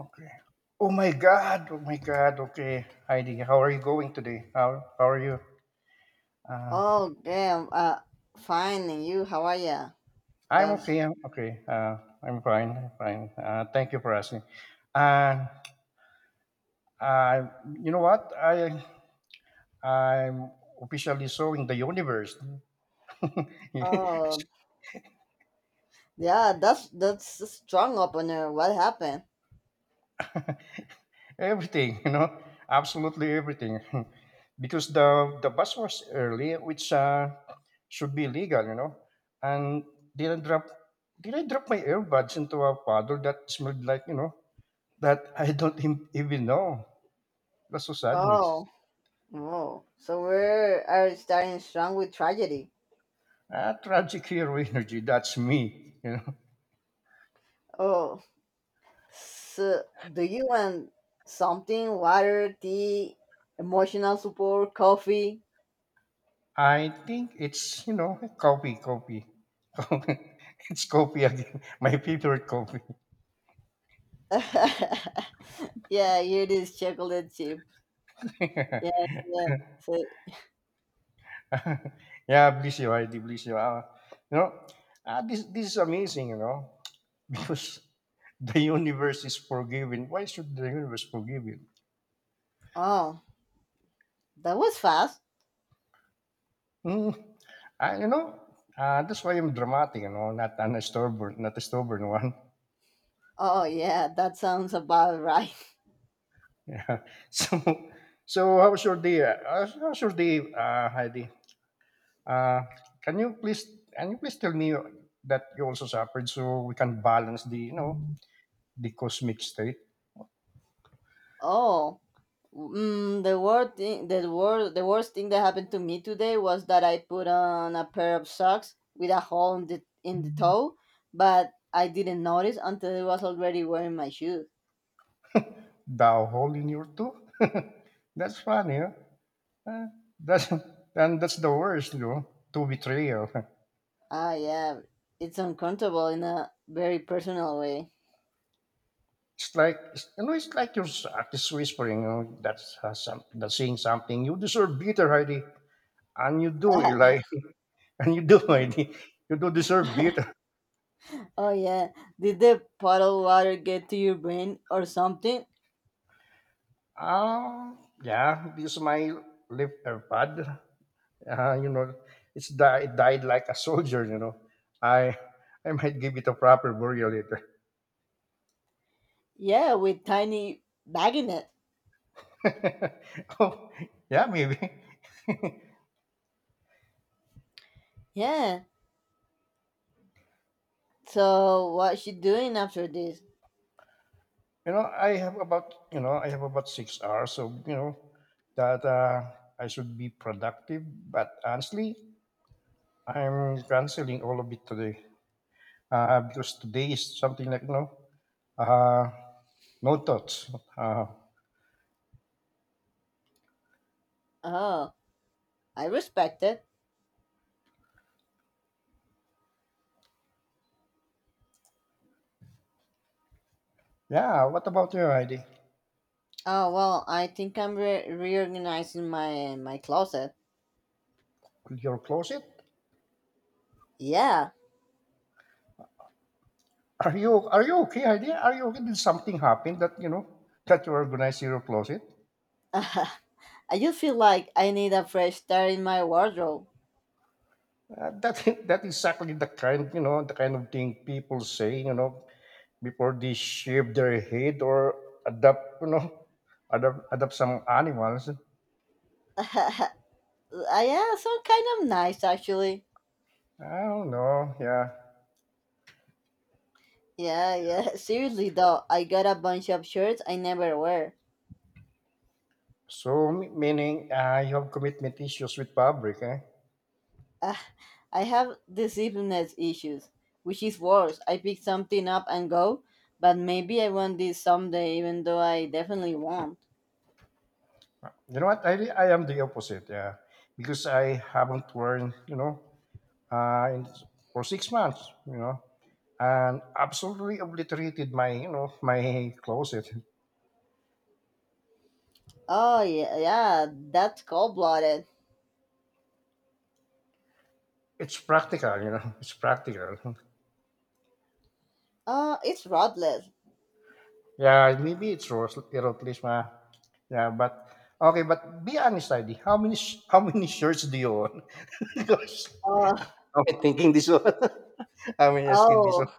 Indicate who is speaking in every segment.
Speaker 1: Okay. Oh my God. Oh my God. Okay. Heidi, how are you going today? How are you? Uh,
Speaker 2: Oh, damn. Fine. And you, how are ya?
Speaker 1: I'm
Speaker 2: That's.
Speaker 1: okay. I'm okay. I'm fine. I'm fine. Thank you for asking. And uh, you know what? I'm officially sowing the universe.
Speaker 2: Oh, yeah. That's a strong opener. What happened?
Speaker 1: Everything, you know, absolutely everything, because the bus was early, which should be legal, you know. And did I drop did I drop my earbuds into a puddle that smelled like you know that I don't even know. That's so sadness.
Speaker 2: Oh, oh. So we are starting strong with tragedy.
Speaker 1: Ah, tragic hero energy. That's me. You know,
Speaker 2: Oh, so do you want something? Water, tea, emotional support, coffee.
Speaker 1: I think it's you know copy, copy, it's copy again. My favorite copy.
Speaker 2: Yeah, here it is. Chocolate chip. Yeah, yeah. So,
Speaker 1: Yeah, bless you, I bless you. You know, this is amazing, you know, because the universe is forgiving. Why should the universe forgive you?
Speaker 2: oh, that was fast.
Speaker 1: Mm, you know, that's why I'm dramatic, you know, not an stubborn, not a stubborn one.
Speaker 2: Oh, yeah. That sounds about right.
Speaker 1: Yeah. So how's your day? How's your day, Heidi? Uh, can you please can you please tell me that you also suffered so we can balance the you know the cosmic state?
Speaker 2: Oh, the worst thing that happened to me today was that I put on a pair of socks with a hole in the toe, but I didn't notice until I was already wearing my shoes.
Speaker 1: Thou hole in your tooth? That's funny, huh? Uh, That's and that's the worst, you know, to betrayal.
Speaker 2: Ah, yeah, it's uncomfortable in a very personal way.
Speaker 1: It's like you know, it's like your artist whispering, you know, that's that's saying something. You deserve better, Heidi, and you do, Eli, and you do, Heidi. You do deserve better.
Speaker 2: Oh yeah, did the puddle water get to your brain or something?
Speaker 1: Yeah, this is my left AirPod. You know, it's it died like a soldier. You know, I I might give it a proper burial later.
Speaker 2: Yeah, with tiny bag in it.
Speaker 1: Oh, yeah, maybe. You
Speaker 2: Yeah. So what's she doing after this?
Speaker 1: know, I have about 6 hours, so you know that I should be productive. But honestly, I'm canceling all of it today because today is something like no, uh, no thoughts. Uh,
Speaker 2: Oh, I respect it.
Speaker 1: yeah, what about you, Heidi?
Speaker 2: Oh well, I think I'm reorganizing my closet.
Speaker 1: Your closet?
Speaker 2: Yeah,
Speaker 1: Are you okay, Heidi? Are you okay? Did something happen that you know that you organize your closet?
Speaker 2: I just feel like I need a fresh start in my wardrobe.
Speaker 1: That that is exactly the kind you know the kind of thing people say you know before they shave their head or adopt you know adopt some animals.
Speaker 2: Yeah, some kind of nice actually.
Speaker 1: I don't know. Yeah.
Speaker 2: Yeah, yeah. Seriously though, I got a bunch of shirts I never wear.
Speaker 1: So meaning you have commitment issues with public. Eh?
Speaker 2: Ah, I have decisiveness issues, which is worse. I pick something up and go, but maybe I want this someday, even though I definitely won't.
Speaker 1: You know what? I am the opposite. Yeah, because I haven't worn you know in, for 6 months. You know, and absolutely obliterated my you know my closet.
Speaker 2: Oh yeah, yeah. That's cold blooded.
Speaker 1: It's practical, you know. It's practical.
Speaker 2: It's rodless.
Speaker 1: Yeah, maybe it's Rose, Heracles. Yeah, but okay, but be honest, ID. How many shirts do you own? Because
Speaker 2: Uh,
Speaker 1: I'm thinking this one. I'm asking this one.
Speaker 2: oh,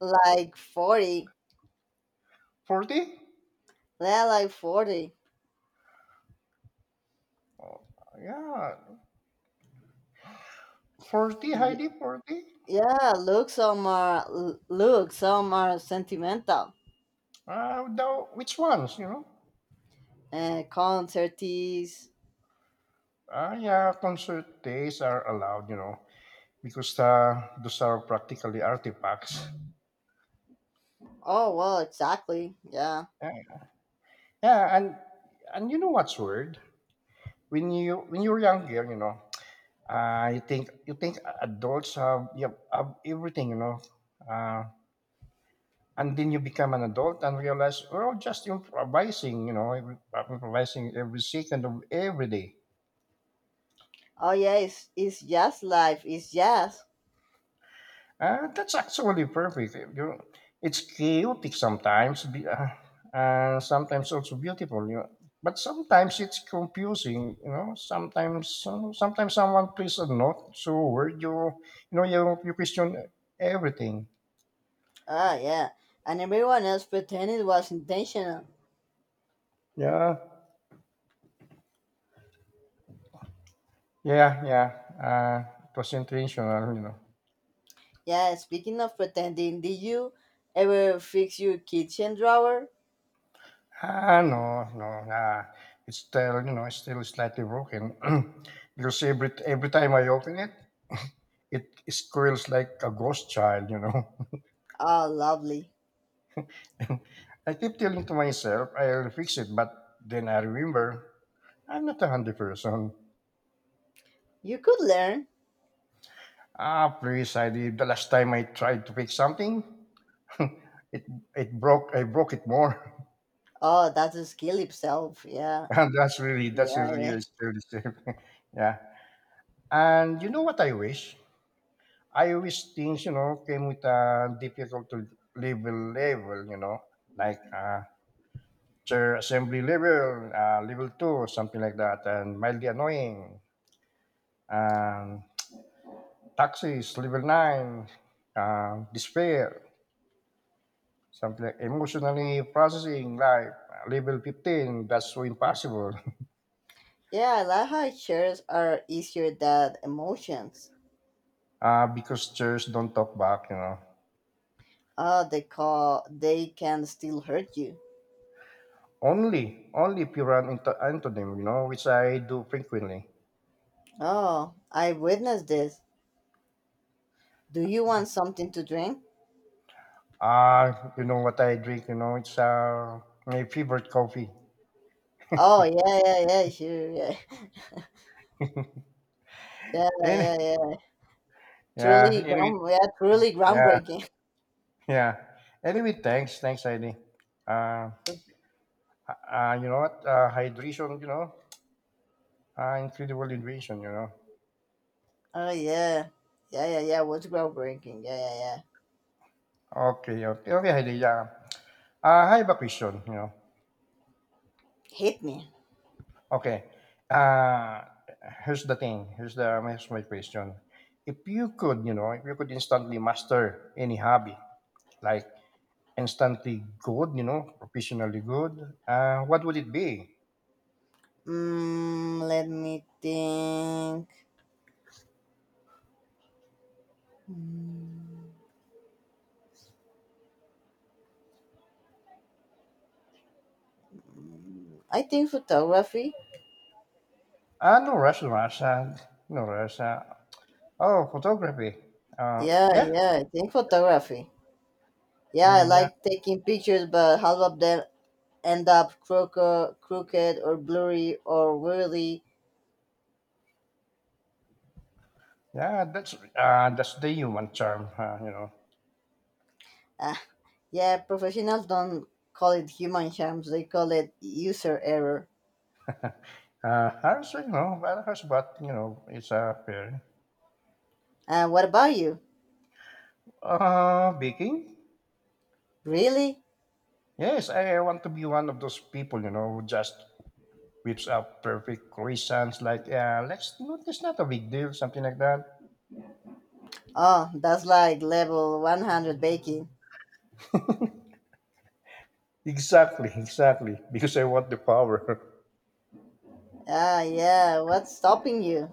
Speaker 2: like 40.
Speaker 1: 40?
Speaker 2: Yeah, like 40.
Speaker 1: Oh, yeah, 40,
Speaker 2: Yeah,
Speaker 1: Heidi, 40.
Speaker 2: yeah, look, look, some are sentimental.
Speaker 1: Uh, the, which ones? You know?
Speaker 2: Concerties.
Speaker 1: Ah, yeah, concert days are allowed. You know, because those are practically artifacts.
Speaker 2: Oh, well, exactly. Yeah.
Speaker 1: Yeah, yeah, and you know what's weird? When you when you are younger, you know, you think adults have have everything, you know, uh, and then you become an adult and realize we're all just improvising, you know, improvising every second of every day.
Speaker 2: Oh, yeah, it's jazz life. It's jazz.
Speaker 1: That's actually perfect. You know, it's chaotic sometimes, sometimes also beautiful, you know. But sometimes it's confusing, you know. Sometimes, you know, sometimes someone plays a note, so where you know, you question everything.
Speaker 2: Ah, yeah. And everyone else pretended it was intentional.
Speaker 1: Yeah, yeah. Uh, it was intentional, you know.
Speaker 2: Yeah, speaking of pretending, did you ever fix your kitchen drawer?
Speaker 1: Ah, no, no. Nah, it's still, you know, it's still slightly broken. Because every time I open it, it squeals like a ghost child, you know.
Speaker 2: Oh, lovely.
Speaker 1: I keep telling to myself I'll fix it, but then I remember I'm not a handy person.
Speaker 2: You could learn.
Speaker 1: Ah, please, I did the last time I tried to fix something, it it broke. I broke it more,
Speaker 2: Oh, that's a skill itself. Yeah,
Speaker 1: and that's really
Speaker 2: yeah, yeah.
Speaker 1: still the same. Yeah. And you know what I wish? I wish things, you know, came with a difficult to level, you know, like chair assembly level, level two, something like that, and mildly annoying. And taxis, level nine, despair, something like emotionally processing life, level 15, that's so impossible.
Speaker 2: Yeah, I like how shares are easier than emotions.
Speaker 1: Because chairs don't talk back, you know.
Speaker 2: Oh, they can still hurt you.
Speaker 1: Only if you run into antonym, you know, which I do frequently.
Speaker 2: Oh, I witnessed this. Do you want something to drink?
Speaker 1: You know what I drink, you know, it's my favorite coffee.
Speaker 2: Oh, yeah, yeah, yeah, sure, yeah, yeah,
Speaker 1: Any
Speaker 2: yeah, yeah.
Speaker 1: yeah,
Speaker 2: Yeah, truly
Speaker 1: yeah,
Speaker 2: groundbreaking.
Speaker 1: yeah. Anyway, thanks, Heidi. Uh, you know what? Hydration, you know, incredible hydration, you know.
Speaker 2: Oh yeah, yeah, yeah, yeah. What's groundbreaking? Yeah, yeah, yeah.
Speaker 1: Okay, okay, okay, Heidi. Yeah. I have a question, you know.
Speaker 2: Hit me.
Speaker 1: Okay. Uh, Here's the thing. Here's my question. If you could, you know, if you could instantly master any hobby, like instantly good, you know, professionally good. What would it be?
Speaker 2: Let me think. Mm. I think photography.
Speaker 1: Uh, no rush, no rush, uh, no rush. Oh, photography. Uh,
Speaker 2: Yeah,
Speaker 1: yeah,
Speaker 2: yeah, I think photography. Yeah, I
Speaker 1: mm, yeah,
Speaker 2: like taking pictures, but half of them end up crooked or blurry or weirdly?
Speaker 1: yeah. That's the human charm, you know.
Speaker 2: Uh, yeah, professionals don't call it human charms, they call it user error.
Speaker 1: I was, you know, well, how's but you know, it's a fair.
Speaker 2: And what about you?
Speaker 1: Baking.
Speaker 2: Really?
Speaker 1: Yes, I want to be one of those people, you know, who just whips up perfect croissants like, let's, no, it's not a big deal, something like that.
Speaker 2: Oh, that's like level 100 baking.
Speaker 1: Exactly, exactly. Because I want the power.
Speaker 2: Ah, yeah, what's stopping you?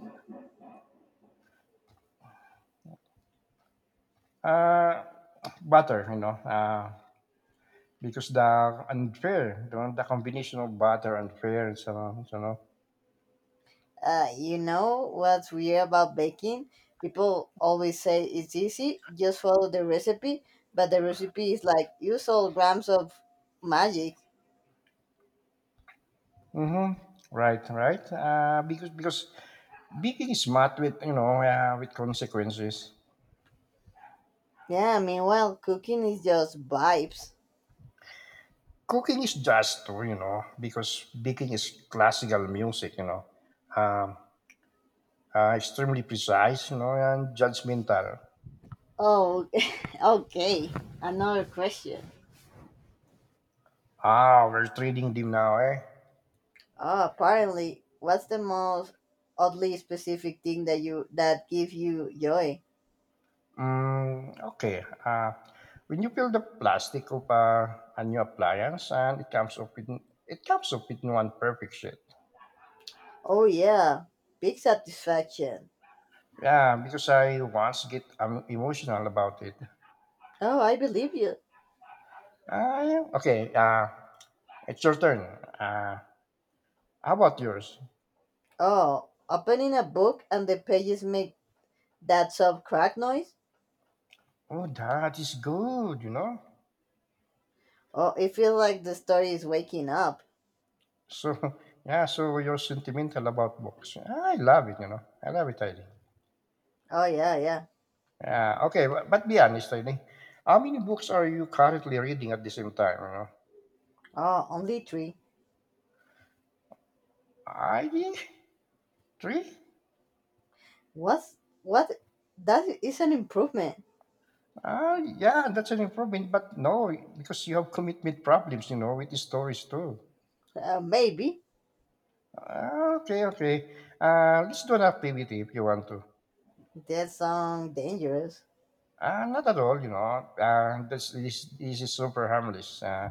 Speaker 1: Uh, Butter, you know. Because the unfair, you know, the combination of butter and fair, and so on, so on.
Speaker 2: You know what's weird about baking? People always say it's easy, just follow the recipe, but the recipe is like use all grams of magic.
Speaker 1: Mm-hmm. Right, right. Because baking is smart with you know with consequences.
Speaker 2: Yeah, meanwhile, cooking is just vibes.
Speaker 1: Cooking is just too, you know, because baking is classical music, you know, um, extremely precise, you know, and judgmental.
Speaker 2: Oh, okay. Another question.
Speaker 1: Ah, we're trading them now, eh?
Speaker 2: Oh, apparently, what's the most oddly specific thing that gives you joy?
Speaker 1: Okay. When you peel the plastic of a new appliance, and it comes up with one perfect shape.
Speaker 2: Oh yeah, big satisfaction.
Speaker 1: Yeah, because I once get emotional about it.
Speaker 2: Oh, I believe you.
Speaker 1: Okay. It's your turn. Uh, how about yours?
Speaker 2: Oh, opening a book and the pages make that soft crack noise?
Speaker 1: Oh, that is good. You know.
Speaker 2: Oh, it feels like the story is waking up.
Speaker 1: So yeah. So you're sentimental about books. I love it. You know. I love it, Eileen.
Speaker 2: Oh yeah, yeah.
Speaker 1: Yeah. Okay. But be honest, Eileen. How many books are you currently reading at the same time? You know?
Speaker 2: Oh, only three.
Speaker 1: I three.
Speaker 2: What's what? That is an improvement.
Speaker 1: Ah yeah, that's an improvement. But no, because you have commitment problems, you know, with the stories too.
Speaker 2: Maybe.
Speaker 1: Ah, okay, okay. Let's do an activity if you want to.
Speaker 2: That sounds dangerous.
Speaker 1: Not at all, you know. This is super harmless. Uh,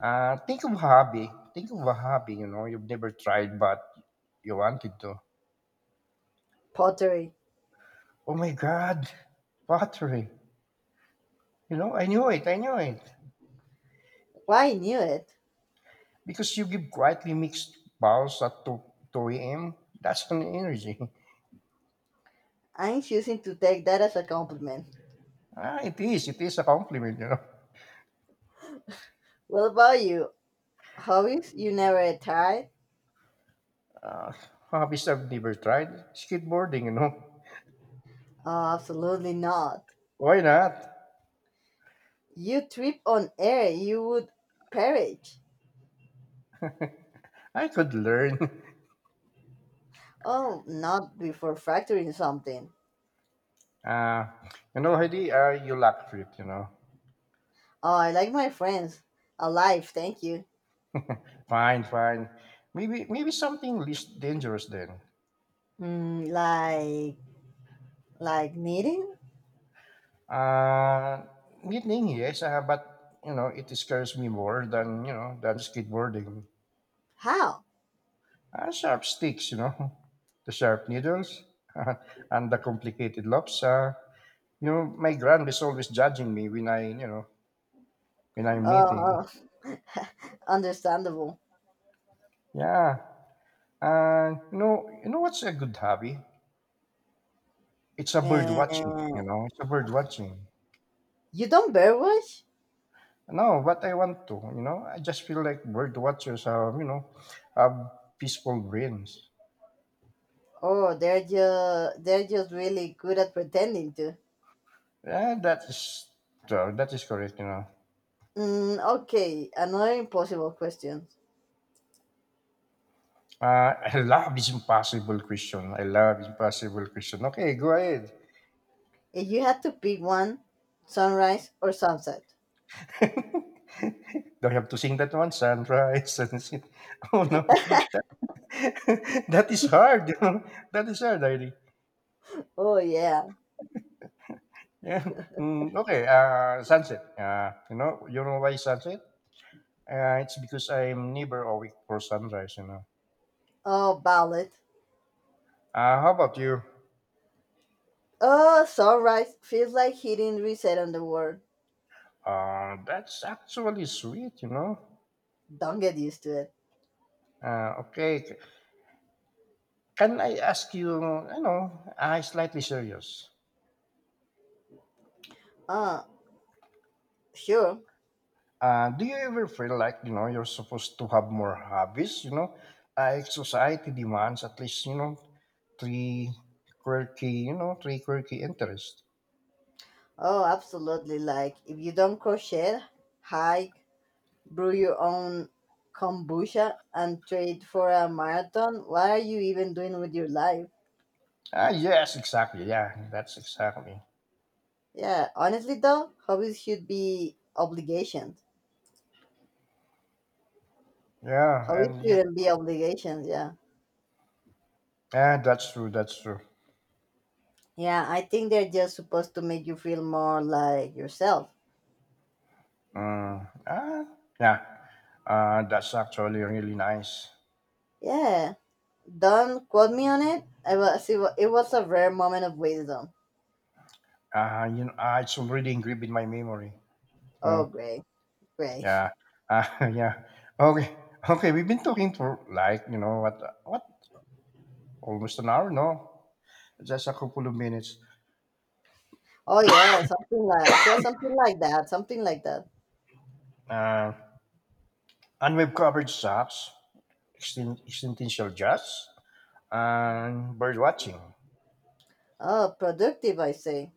Speaker 1: uh, Think of a hobby. Think of a hobby, you know, you've never tried but you wanted to.
Speaker 2: Pottery.
Speaker 1: Oh my God, pottery. You know, I knew it, I knew it.
Speaker 2: Why I knew it?
Speaker 1: Because you give quietly mixed vows at 2 a.m., that's an energy.
Speaker 2: I'm choosing to take that as a compliment.
Speaker 1: Ah, it is. It is a compliment, you know.
Speaker 2: What about you? Hobbies? You never tired?
Speaker 1: Uh, Hobbies I've never tried. Skateboarding, you know.
Speaker 2: Oh, absolutely not.
Speaker 1: Why not?
Speaker 2: You trip on air, you would perish.
Speaker 1: I could learn.
Speaker 2: Oh, not before fracturing something.
Speaker 1: Uh, you know, Heidi, you lack trip, you know.
Speaker 2: Oh, I like my friends alive. Thank you.
Speaker 1: Fine, fine. Maybe something less dangerous then.
Speaker 2: Mm, like like knitting?
Speaker 1: Uh, Knitting, yes, but, you know, it scares me more than, you know, than skateboarding.
Speaker 2: How?
Speaker 1: Sharp sticks, you know, the sharp needles, and the complicated loops. You know, my grand is always judging me when I, you know, when I'm knitting.
Speaker 2: Uh, Understandable.
Speaker 1: Yeah, and you know what's a good hobby? It's a bird watching. You
Speaker 2: And
Speaker 1: know, it's a bird watching.
Speaker 2: you don't bear watch?
Speaker 1: No, but I want to. You know, I just feel like bird watchers have, you know, have peaceful brains.
Speaker 2: Oh, they're just really good at pretending to.
Speaker 1: Yeah, that is true. That is correct. You know.
Speaker 2: Okay, another impossible question.
Speaker 1: I love this impossible question. I love impossible question. Okay, go ahead.
Speaker 2: If you had to pick one, sunrise or sunset?
Speaker 1: Do I have to sing that one? Sunrise. And oh no, that, that is hard. You know? That is hard, really.
Speaker 2: Oh yeah.
Speaker 1: Yeah. Okay. Sunset. You know, you know why sunset? It's because I'm never awake for sunrise. You know.
Speaker 2: Oh, ballot.
Speaker 1: How about you?
Speaker 2: Oh, sunrise feels like hitting reset on the world.
Speaker 1: That's actually sweet. You know.
Speaker 2: Don't get used to it.
Speaker 1: Okay. Can I ask you? You know, slightly serious.
Speaker 2: Uh, sure.
Speaker 1: Do you ever feel like you know you're supposed to have more hobbies? You know, society demands at least you know three quirky, you know, three quirky interests.
Speaker 2: Oh, absolutely. Like, if you don't crochet, hike, brew your own kombucha, and trade for a marathon, what are you even doing with your life?
Speaker 1: Ah, yes, exactly. Yeah, that's exactly.
Speaker 2: Yeah, honestly, though, hobbies should be obligations.
Speaker 1: Yeah,
Speaker 2: Hobbies
Speaker 1: and you.
Speaker 2: shouldn't be obligations, yeah.
Speaker 1: Yeah, that's true. That's true.
Speaker 2: Yeah, I think they're just supposed to make you feel more like yourself.
Speaker 1: Mm, ah, yeah. That's actually really nice.
Speaker 2: Yeah, don't quote me on it. I was, it wa- it was a rare moment of wisdom.
Speaker 1: You know, it's already engraved in my memory. You
Speaker 2: Oh,
Speaker 1: know,
Speaker 2: great, great.
Speaker 1: yeah, yeah. Okay, okay. We've been talking for like you know what almost an hour. No, just a couple of minutes,
Speaker 2: Oh yeah, something like that, something like that.
Speaker 1: uh, and we've covered sax, extinction, jazz, and bird watching.
Speaker 2: Oh, productive, I say.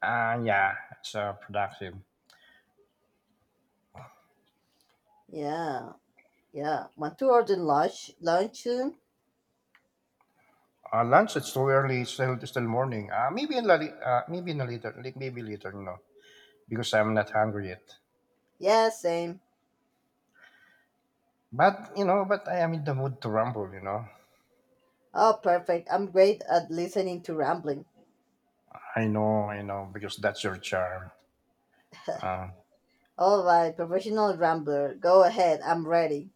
Speaker 1: And yeah, it's productive.
Speaker 2: Yeah, yeah. Want to order lunch? Lunch soon?
Speaker 1: Lunch, it's too early, it's still morning. Maybe in a later li- maybe later, because I'm not hungry yet.
Speaker 2: Yeah, same.
Speaker 1: But but I am in the mood to rumble.
Speaker 2: Oh, perfect. I'm great at listening to rambling.
Speaker 1: I know, I know, because that's your charm. uh,
Speaker 2: All right, professional rambler. Go ahead. I'm ready.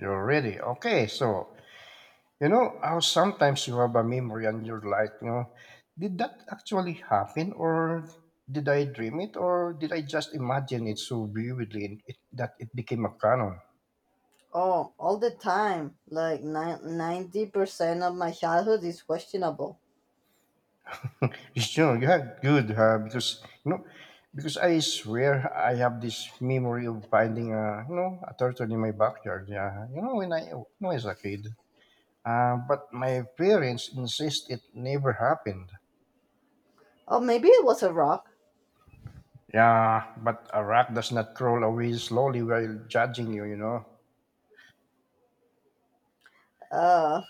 Speaker 1: you're ready. Okay, so you know how sometimes you have a memory and you're like, did that actually happen, or did I dream it, or did I just imagine it so vividly and that it became a canon?
Speaker 2: Oh, all the time. Like 90% of my childhood is questionable.
Speaker 1: You know, you have good, huh? Because because I swear I have this memory of finding a you know a turtle in my backyard. Yeah, when I was a kid. But my parents insist it never happened.
Speaker 2: Oh, maybe it was a rock.
Speaker 1: Yeah, but a rock does not roll away slowly while judging you, you know.
Speaker 2: Uh,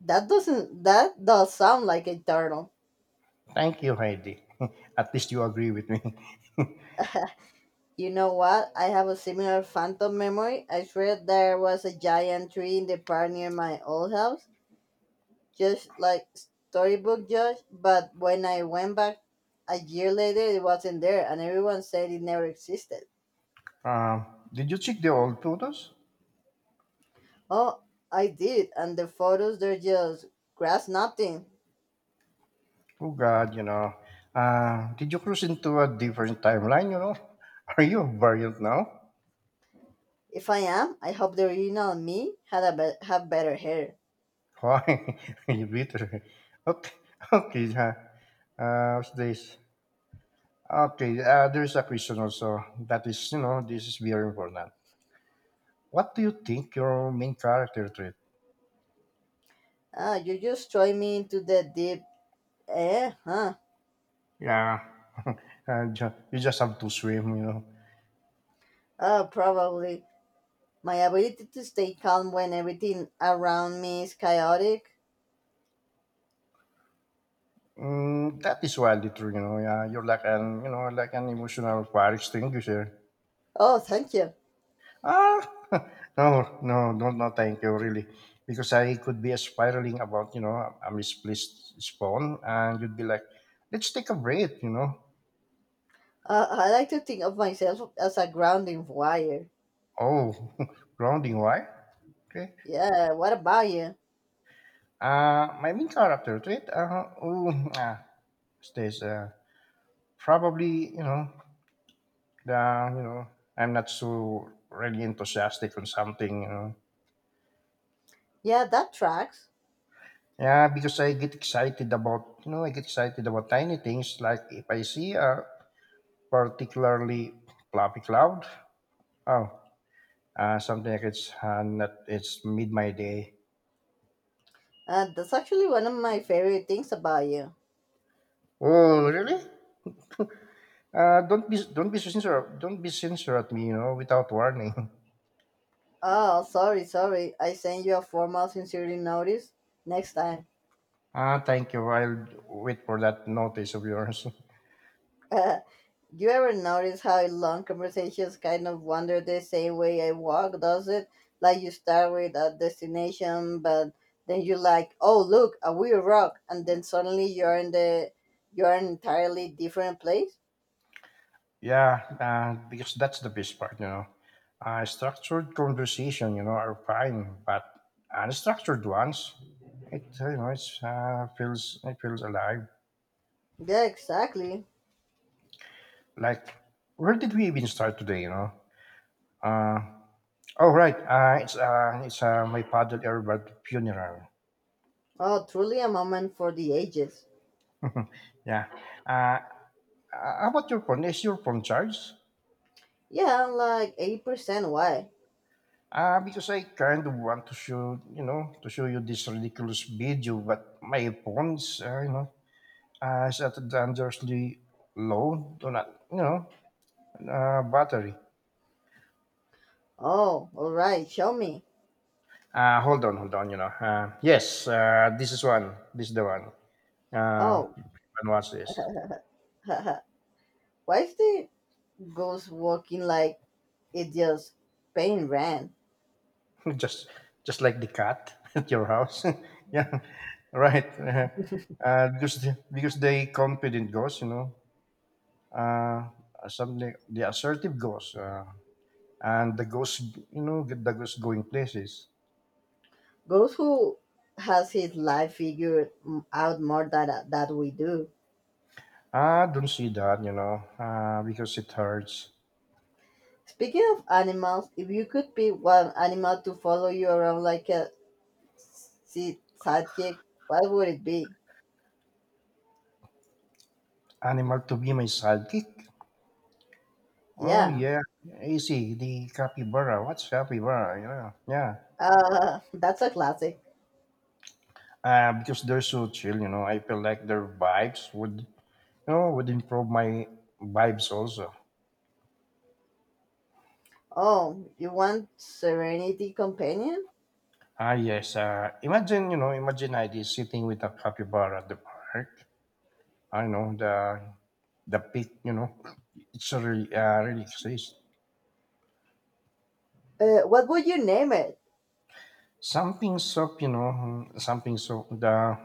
Speaker 2: that doesn't. That does sound like a turtle.
Speaker 1: Thank you, Heidi. At least you agree with me.
Speaker 2: You know what? I have a similar phantom memory. I swear there was a giant tree in the park near my old house, just like storybook Josh. But when I went back a year later, it wasn't there, and everyone said it never existed.
Speaker 1: Um, did you check the old photos?
Speaker 2: Oh, I did, and the photos they're just grass nothing.
Speaker 1: Oh, God, you know. Did you cruise into a different timeline, you know? Are you a variant now?
Speaker 2: If I am, I hope the original me had have better hair.
Speaker 1: Why? You bitter. Okay, okay. What's this? Okay, there's a question also that is, this is very important. What do you think your main character trait?
Speaker 2: Ah, you just throw me into the deep. Eh? Huh?
Speaker 1: Yeah, and you just have to swim.
Speaker 2: Oh, probably. My ability to stay calm when everything around me is chaotic.
Speaker 1: Mm, that is widely true, Yeah, you're like like an emotional fire extinguisher.
Speaker 2: Oh, thank you.
Speaker 1: Ah, no, no, no, no, thank you, really, because I could be spiraling about, a misplaced spawn, and you'd be like, let's take a break.
Speaker 2: I like to think of myself as a grounding wire.
Speaker 1: Oh, grounding, why? Okay.
Speaker 2: Yeah, what about you?
Speaker 1: My main character trait, oh, ah, stays, probably, yeah, I'm not so really enthusiastic on something.
Speaker 2: Yeah, that tracks.
Speaker 1: Yeah, because I get excited about tiny things. Like if I see a particularly fluffy cloud, oh, something like it's not, it's mid my day.
Speaker 2: That's actually one of my favorite things about you.
Speaker 1: Oh, really? Don't be so sincere, don't be sincere at me, without warning.
Speaker 2: Oh, sorry, sorry. I sent you a formal sincerity notice. Next time.
Speaker 1: Ah, thank you. I'll wait for that notice of yours.
Speaker 2: Uh, you ever notice how long conversations kind of wander the same way I walk, does it? Like you start with a destination, but then you're like, oh, look, a weird rock. And then suddenly you're in an entirely different place.
Speaker 1: Yeah, because that's the best part. Structured conversation, are fine, but unstructured ones, it's feels it feels alive.
Speaker 2: Yeah, exactly.
Speaker 1: Like, where did we even start today? Uh, oh right, it's my paddle airbud funeral.
Speaker 2: Oh, truly a moment for the ages.
Speaker 1: Yeah. Uh, how about your phone? Is your phone charged?
Speaker 2: Yeah, I'm like 80% why.
Speaker 1: Because I kind of want to show you this ridiculous video, but my phone's, is at dangerously low, do not, battery.
Speaker 2: Oh, all right, show me.
Speaker 1: Hold on, hold on, yes, this is the one.
Speaker 2: Oh,
Speaker 1: And watch this.
Speaker 2: haha. Why is the ghost walking like it just pain ran?
Speaker 1: just just like the cat at your house yeah, right. Uh, because because they confident ghost, uh something the assertive ghost, and the ghost going places.
Speaker 2: Goes who has his life figured out more than that we do.
Speaker 1: I don't see that, because it hurts.
Speaker 2: Speaking of animals, if you could pick one animal to follow you around like a sidekick, what would it be?
Speaker 1: Animal to be my sidekick? Oh
Speaker 2: Yeah,
Speaker 1: yeah, easy. The capybara. What's capybara? Yeah.
Speaker 2: that's a classic.
Speaker 1: Because they're so chill, I feel like their vibes would improve my vibes also.
Speaker 2: Oh, you want Serenity Companion?
Speaker 1: Ah yes. Imagine I is sitting with a capybara at the park. I know the pit, it's a really exists.
Speaker 2: What would you name it?
Speaker 1: Something soft, something soft. The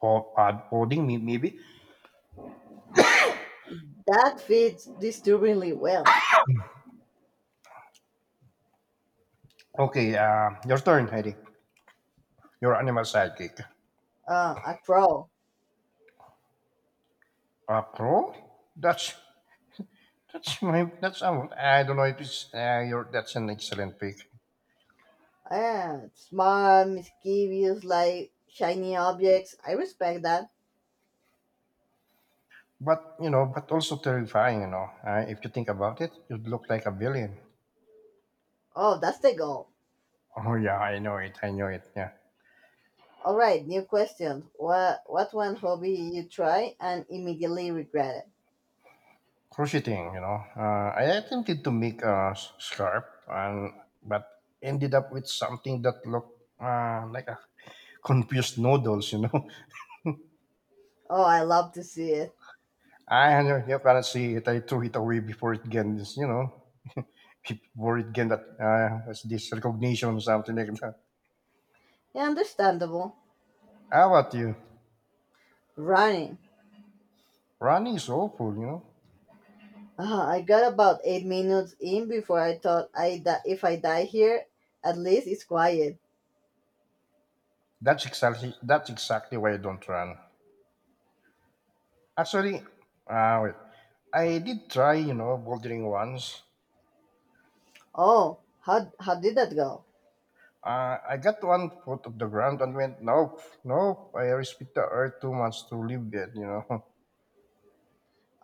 Speaker 1: podding, maybe.
Speaker 2: That fits disturbingly well.
Speaker 1: Okay, your turn, Heidi. Your animal sidekick.
Speaker 2: A crow.
Speaker 1: A pro? That's that's my that's I don't know if it's your that's an excellent pick,
Speaker 2: Yeah, smart, mischievous, like shiny objects. I respect that.
Speaker 1: but but also terrifying. If you think about it, you'd look like a villain.
Speaker 2: Oh, that's the goal.
Speaker 1: Oh yeah, I know it. I know it. Yeah,
Speaker 2: All right, new question. What one hobby you try and immediately regretted?
Speaker 1: crocheting. I attempted to make a scarf, and but ended up with something that looked like a confused noodles.
Speaker 2: Oh, I love to see it.
Speaker 1: I You cannot see it. I threw it away before it gets worried again that that's this recognition or something like that.
Speaker 2: Yeah, understandable.
Speaker 1: How about you?
Speaker 2: Running.
Speaker 1: Running is awful.
Speaker 2: I got about 8 minutes in before I thought if I die here, at least it's quiet.
Speaker 1: That's exactly why I don't run. Actually, wait, I did try, bouldering once.
Speaker 2: Oh, how did that go?
Speaker 1: I got 1 foot of the ground and went, nope, nope. I respect the earth too much to live it.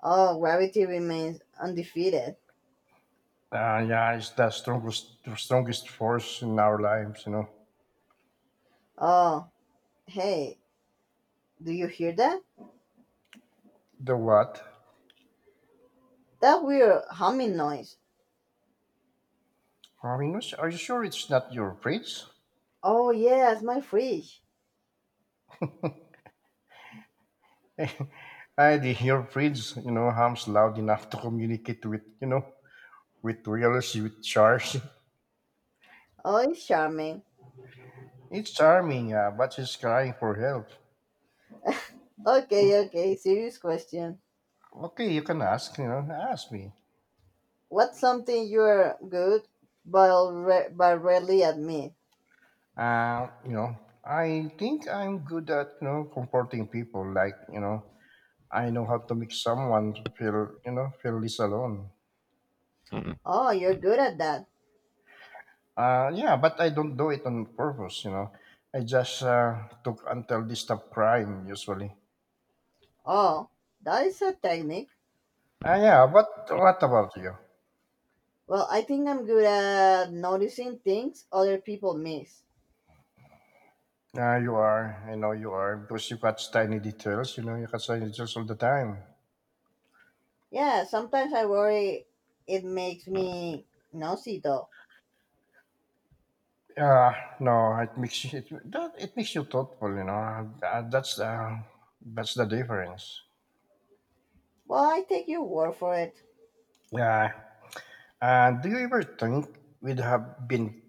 Speaker 2: Oh, gravity remains undefeated.
Speaker 1: Yeah, it's the strongest force in our lives.
Speaker 2: Oh, hey, do you hear that?
Speaker 1: The what?
Speaker 2: That weird humming noise.
Speaker 1: I mean, are you sure it's not your fridge?
Speaker 2: Oh yes, my fridge.
Speaker 1: I The earpiece, hums loud enough to communicate with realist with charge.
Speaker 2: Oh, it's charming.
Speaker 1: It's charming, yeah, but she's crying for help.
Speaker 2: Okay, okay. Serious question.
Speaker 1: Okay, you can ask me.
Speaker 2: What's something you're good but rarely admit?
Speaker 1: Uh, you know, I think I'm good at, comforting people. Like, I know how to make someone feel less alone.
Speaker 2: Hmm. Oh, you're good at that.
Speaker 1: Yeah, but I don't do it on purpose. I just took until they stop crying, usually.
Speaker 2: Oh, that is a technique.
Speaker 1: Yeah, but what about you?
Speaker 2: Well, I think I'm good at noticing things other people miss.
Speaker 1: Yeah, you are. I know you are because you catch tiny details. You catch tiny details all the time.
Speaker 2: Yeah, sometimes I worry it makes me nosy though.
Speaker 1: Yeah, no, it makes you, it that it makes you thoughtful. That's the difference.
Speaker 2: Well, I take your word for it.
Speaker 1: Yeah. Do you ever think we'd have been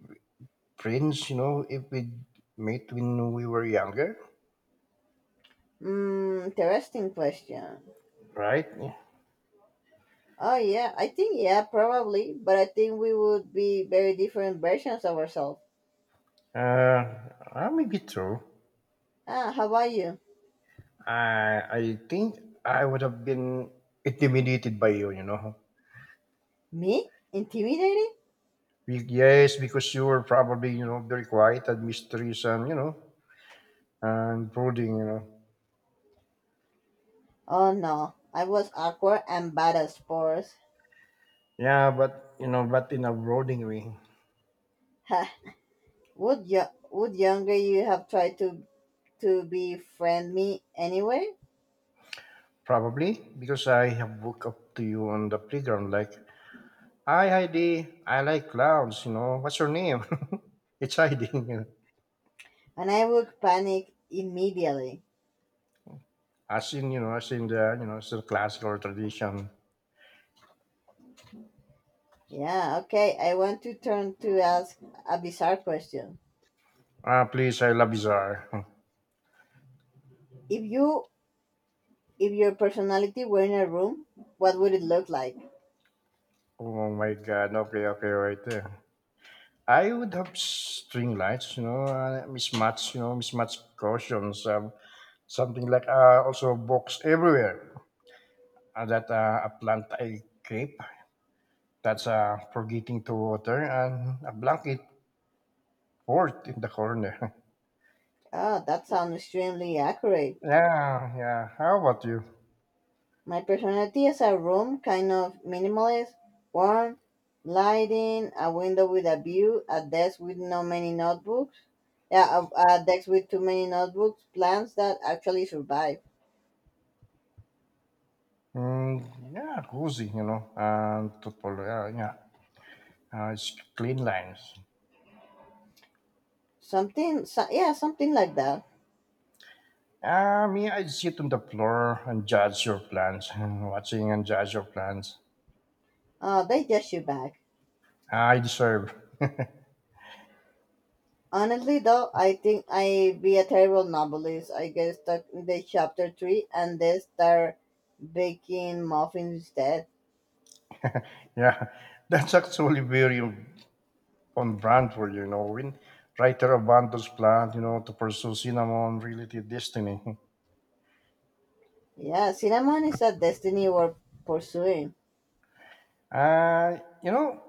Speaker 1: friends? If we met when we were younger,
Speaker 2: Interesting question.
Speaker 1: right?
Speaker 2: Oh yeah, I think yeah, probably, but I think we would be very different versions of ourselves.
Speaker 1: Uh, Maybe true.
Speaker 2: Ah, how about you?
Speaker 1: I think I would have been intimidated by you.
Speaker 2: Me? Intimidating?
Speaker 1: Yes, because you were probably, very quiet and mysterious and, and brooding.
Speaker 2: Oh no, I was awkward and bad at sports.
Speaker 1: Yeah, but, but in a brooding way.
Speaker 2: Ha! Would yo would younger you have tried to befriend me anyway?
Speaker 1: Probably because I have woke up to you on the playground like, hi Heidi, I like clowns, what's your name? It's Heidi.
Speaker 2: And I would panic immediately.
Speaker 1: As in the, it's the classical tradition.
Speaker 2: Yeah, okay. I want to turn to ask a bizarre question.
Speaker 1: Ah, please, I love bizarre.
Speaker 2: If you if your personality were in a room, what would it look like?
Speaker 1: Oh my God, okay, okay, right there. I would have string lights, mismatch cautions, something like also box everywhere. That A plant I creep that's forgetting to water and a blanket fort in the corner.
Speaker 2: Oh, that sounds extremely accurate.
Speaker 1: Yeah, yeah. How about you?
Speaker 2: My personality is a room, kind of minimalist, warm, lighting, a window with a view, a desk with no many notebooks. Yeah, a desk with too many notebooks, plants that actually survive.
Speaker 1: Mm, yeah, cozy, and totally, yeah, yeah. It's clean lines.
Speaker 2: Something, so, yeah, something like that.
Speaker 1: Ah, me, I sit on the floor and judge your plans, watching and judge your plans.
Speaker 2: They just you back.
Speaker 1: I deserve.
Speaker 2: Honestly, though, I think I be a terrible novelist. I get stuck in the chapter three, and they start baking muffins instead.
Speaker 1: Yeah, that's actually very on brand for you, you know. When writer abandons plan, to pursue cinnamon related destiny.
Speaker 2: Yeah, cinnamon is a destiny we're pursuing.
Speaker 1: Uh, you know,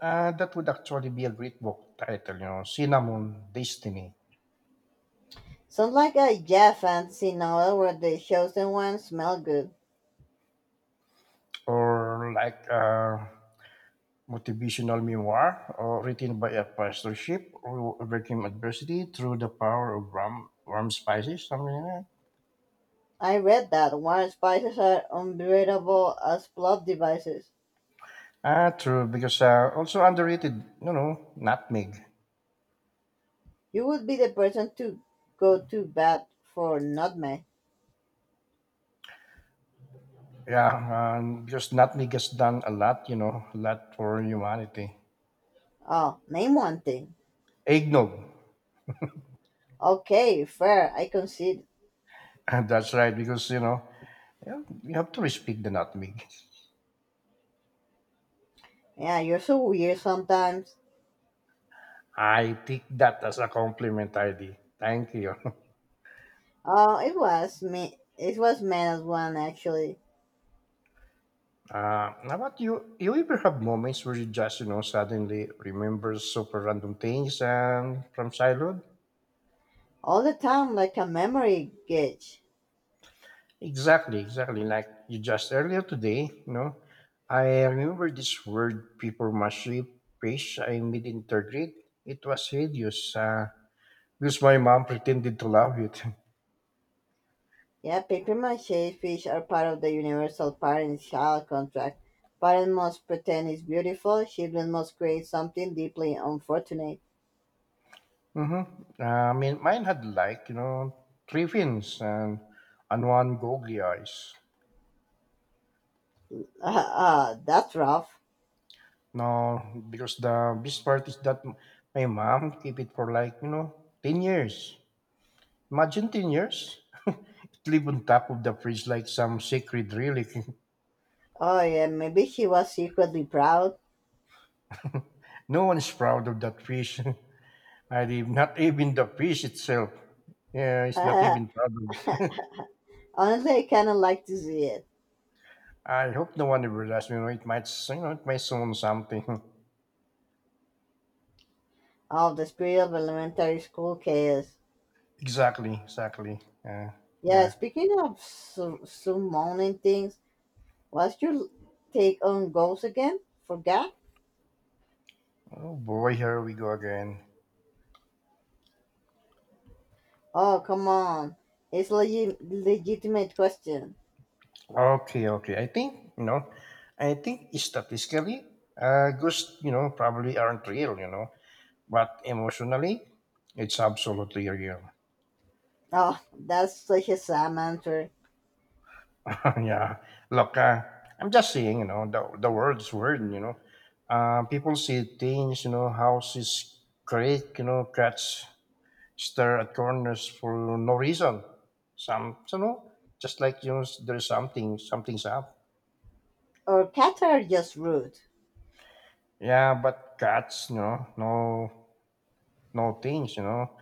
Speaker 1: that would actually be a great book title, Cinnamon Destiny,
Speaker 2: Sounds like a jazz fantasy novel where the chosen ones smell good.
Speaker 1: or like a motivational memoir, or written by a pastorship who overcame adversity through the power of rum spices, something like that.
Speaker 2: I read that water spices are unbeatable as plot devices.
Speaker 1: Ah, true. Because also underrated, nutmeg.
Speaker 2: You would be the person to go to bat for nutmeg.
Speaker 1: Yeah, because nutmeg has done a lot for humanity.
Speaker 2: Oh, name one thing.
Speaker 1: Eggnog.
Speaker 2: Okay, fair, I concede.
Speaker 1: And that's right, because, yeah, you have to respect the nutmeg.
Speaker 2: Yeah, you're so weird sometimes.
Speaker 1: I take that as a compliment, ID. Thank you.
Speaker 2: Oh, it was me. It was minus as one actually.
Speaker 1: How about you? You ever have moments where you just, suddenly remember super random things and from childhood?
Speaker 2: All the time, like a memory gauge.
Speaker 1: Exactly, exactly. Like you just earlier today, I remember this word papermache page I made in third grade. It was hideous, because my mom pretended to love it.
Speaker 2: Yeah, papier-mâché fish are part of the universal parent-child contract. Parents must pretend it's beautiful. Children must create something deeply unfortunate.
Speaker 1: Hmm, I mean, mine had like, three fins and, one googly eyes.
Speaker 2: Ah, ah, that's rough.
Speaker 1: No, because the best part is that my mom kept it for like, 10 years. Imagine 10 years. It lived on top of the fridge like some sacred relic.
Speaker 2: Oh yeah, maybe she was secretly proud.
Speaker 1: No one is proud of that fish. I did not even the fish itself. Yeah, it's not even proud
Speaker 2: Honestly,
Speaker 1: of.
Speaker 2: I kind of like to see it.
Speaker 1: I hope no one ever does. It might, it might soon something.
Speaker 2: Oh, the spirit of elementary school chaos.
Speaker 1: Exactly, exactly. Yeah,
Speaker 2: Yeah,
Speaker 1: yeah.
Speaker 2: speaking of summoning things, what's your take on ghosts again? Forgot?
Speaker 1: Oh boy, here we go again.
Speaker 2: Oh, come on. It's a legitimate question.
Speaker 1: Okay, okay. I think statistically, ghosts, probably aren't real. But emotionally, it's absolutely real.
Speaker 2: Oh, that's such a sad answer.
Speaker 1: Yeah, look, I'm just saying, the world's weird. People see things, houses creak, cats stare at corners for no reason. Some, just like, something's up.
Speaker 2: Or cats are just rude.
Speaker 1: Yeah, but cats, no, no things.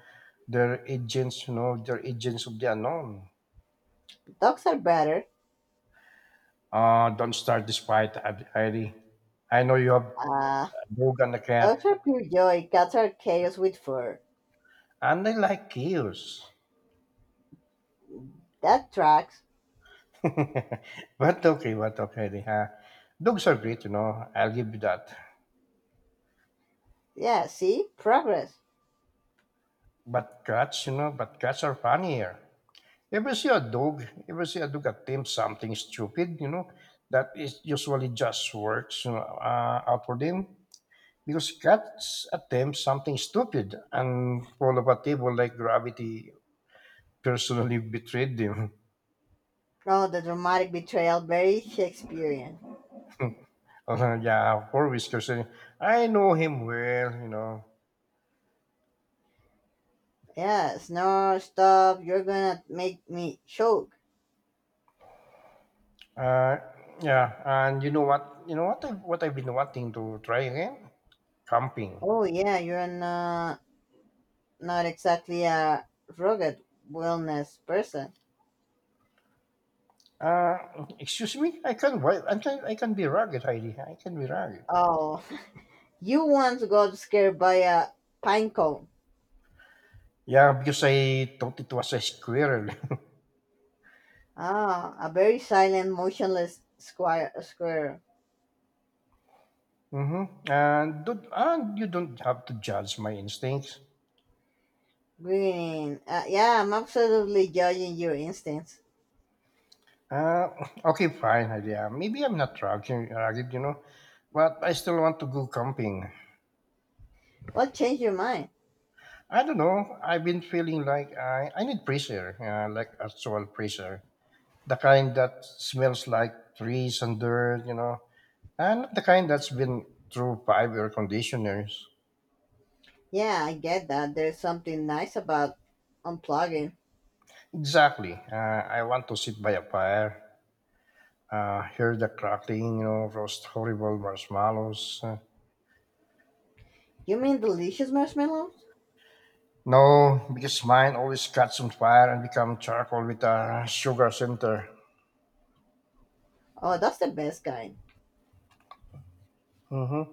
Speaker 1: They're agents of the unknown.
Speaker 2: Dogs are better.
Speaker 1: Don't start this fight, Heidi. I know you have
Speaker 2: Uh,
Speaker 1: a dog and a cat,
Speaker 2: Dogs are pure joy. Cats are chaos with fur.
Speaker 1: and they like chaos.
Speaker 2: That tracks.
Speaker 1: But okay. Dogs are great, I'll give you that.
Speaker 2: Yeah, see? Progress.
Speaker 1: But cats, but cats are funnier. Ever see a dog? Ever see a dog attempt something stupid? That is usually just works out for them, because cats attempt something stupid and fall off a table like gravity personally betrayed them.
Speaker 2: Oh, the dramatic betrayal. Very Shakespearean.
Speaker 1: Yeah, four whiskers. I know him well.
Speaker 2: Yeah, snore, stop. You're gonna make me choke.
Speaker 1: Uh, yeah, and you know what? You know what? What I've been wanting to try again? Camping.
Speaker 2: Oh, yeah, you're not exactly a rugged wellness person.
Speaker 1: Uh, Excuse me. I can. Wi- I can. I can be rugged, Heidi. I can be rugged.
Speaker 2: Oh, you once got scared by a pine cone.
Speaker 1: Yeah, because I thought it was a squirrel.
Speaker 2: Ah, a very silent, motionless square, square.
Speaker 1: Mm-hmm. And you don't have to judge my instincts.
Speaker 2: Green. Yeah, I'm absolutely judging your instincts.
Speaker 1: Uh, okay, fine, Heidi. Maybe I'm not rugged, rugged, but I still want to go camping.
Speaker 2: What changed your mind?
Speaker 1: I don't know. I've been feeling like I need fresh air, like actual fresh air. The kind that smells like trees and dirt, and not the kind that's been through five air conditioners.
Speaker 2: Yeah, I get that. There's something nice about unplugging.
Speaker 1: Exactly. I want to sit by a fire, hear the crackling, roast horrible marshmallows.
Speaker 2: You mean delicious marshmallows?
Speaker 1: No, because mine always catch on fire and become charcoal with a sugar center.
Speaker 2: Oh, that's the best kind.
Speaker 1: Hmm.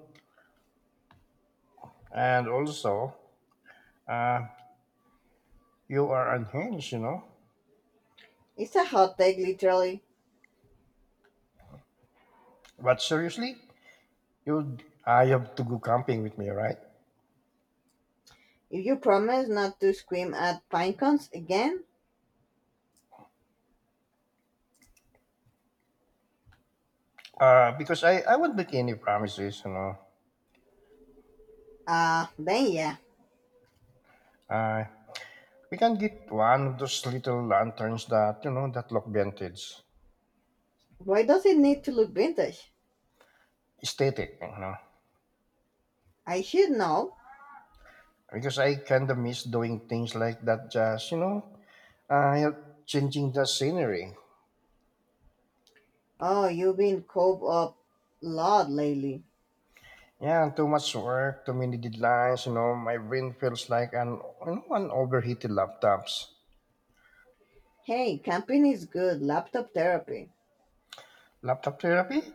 Speaker 1: And also, uh, you are unhinged.
Speaker 2: It's a hot take, literally.
Speaker 1: But seriously, you I have to go camping with me, right?
Speaker 2: If you promise not to scream at pine cones again,
Speaker 1: Because I won't make any promises.
Speaker 2: then yeah.
Speaker 1: Uh, we can get one of those little lanterns that, that look vintage,
Speaker 2: Why does it need to look vintage?
Speaker 1: aesthetic.
Speaker 2: I should know.
Speaker 1: Because I kind of miss doing things like that, just, help changing the scenery.
Speaker 2: Oh, you've been caught up a lot lately.
Speaker 1: Yeah, too much work, too many deadlines, my brain feels like an overheated laptops.
Speaker 2: Hey, camping is good. Laptop therapy.
Speaker 1: Laptop therapy?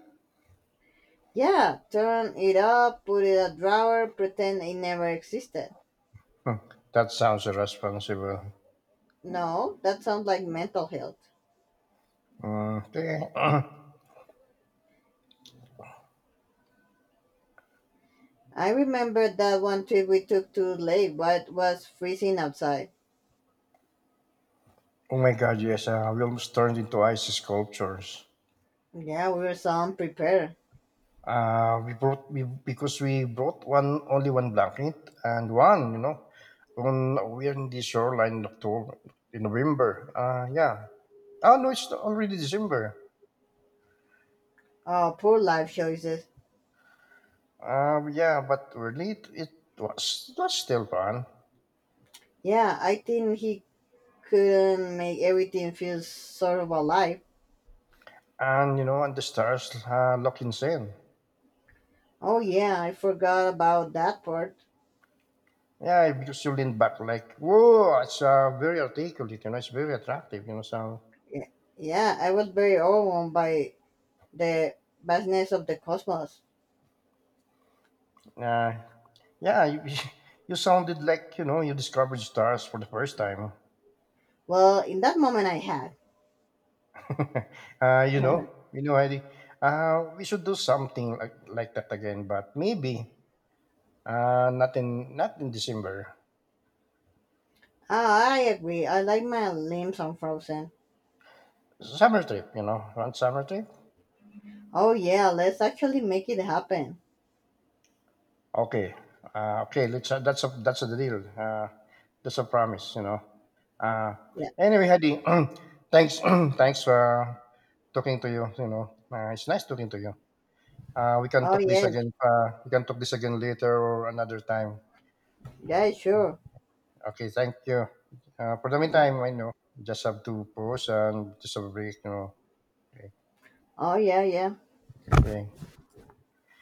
Speaker 2: Yeah, turn it up, put it a drawer, pretend it never existed.
Speaker 1: Hmm, that sounds irresponsible.
Speaker 2: No, that sounds like mental health.
Speaker 1: Mm, okay.
Speaker 2: I remember that one trip we took to Lake, but it was freezing outside.
Speaker 1: Oh my God, yes, we almost turned into ice sculptures.
Speaker 2: Yeah, we were so unprepared.
Speaker 1: We because we brought one only one blanket and one, on we're in the shoreline in October, in November. Yeah. Oh no, it's already December.
Speaker 2: Oh, poor life choices.
Speaker 1: Yeah, but we're late. It was still fun,
Speaker 2: Yeah, I think he couldn't make everything feel sort of alive.
Speaker 1: and and the stars look insane.
Speaker 2: Oh yeah, I forgot about that part.
Speaker 1: Yeah, because you lean back like, whoa, it's very articulate, it's very attractive, so
Speaker 2: Yeah, yeah, I was very overwhelmed by the vastness of the cosmos.
Speaker 1: Uh, yeah, you sounded like you discovered stars for the first time.
Speaker 2: Well, in that moment, I had.
Speaker 1: uh, you know, Heidi. We should do something like that again, but maybe not in December.
Speaker 2: Ah, I agree. I like my limbs unfrozen.
Speaker 1: Summer trip, one summer trip.
Speaker 2: Oh yeah, let's actually make it happen.
Speaker 1: Okay, okay. Let's. That's a deal. That's a promise. Uh,
Speaker 2: Yeah.
Speaker 1: anyway, Heidi. thanks, thanks for talking to you. It's nice talking to you. We can
Speaker 2: Oh
Speaker 1: talk this
Speaker 2: yeah.
Speaker 1: again. We can talk this again later or another time.
Speaker 2: Yeah, sure.
Speaker 1: Okay, thank you. For the meantime, I know just have to pause and just have a break. Okay.
Speaker 2: Oh yeah, yeah.
Speaker 1: Okay.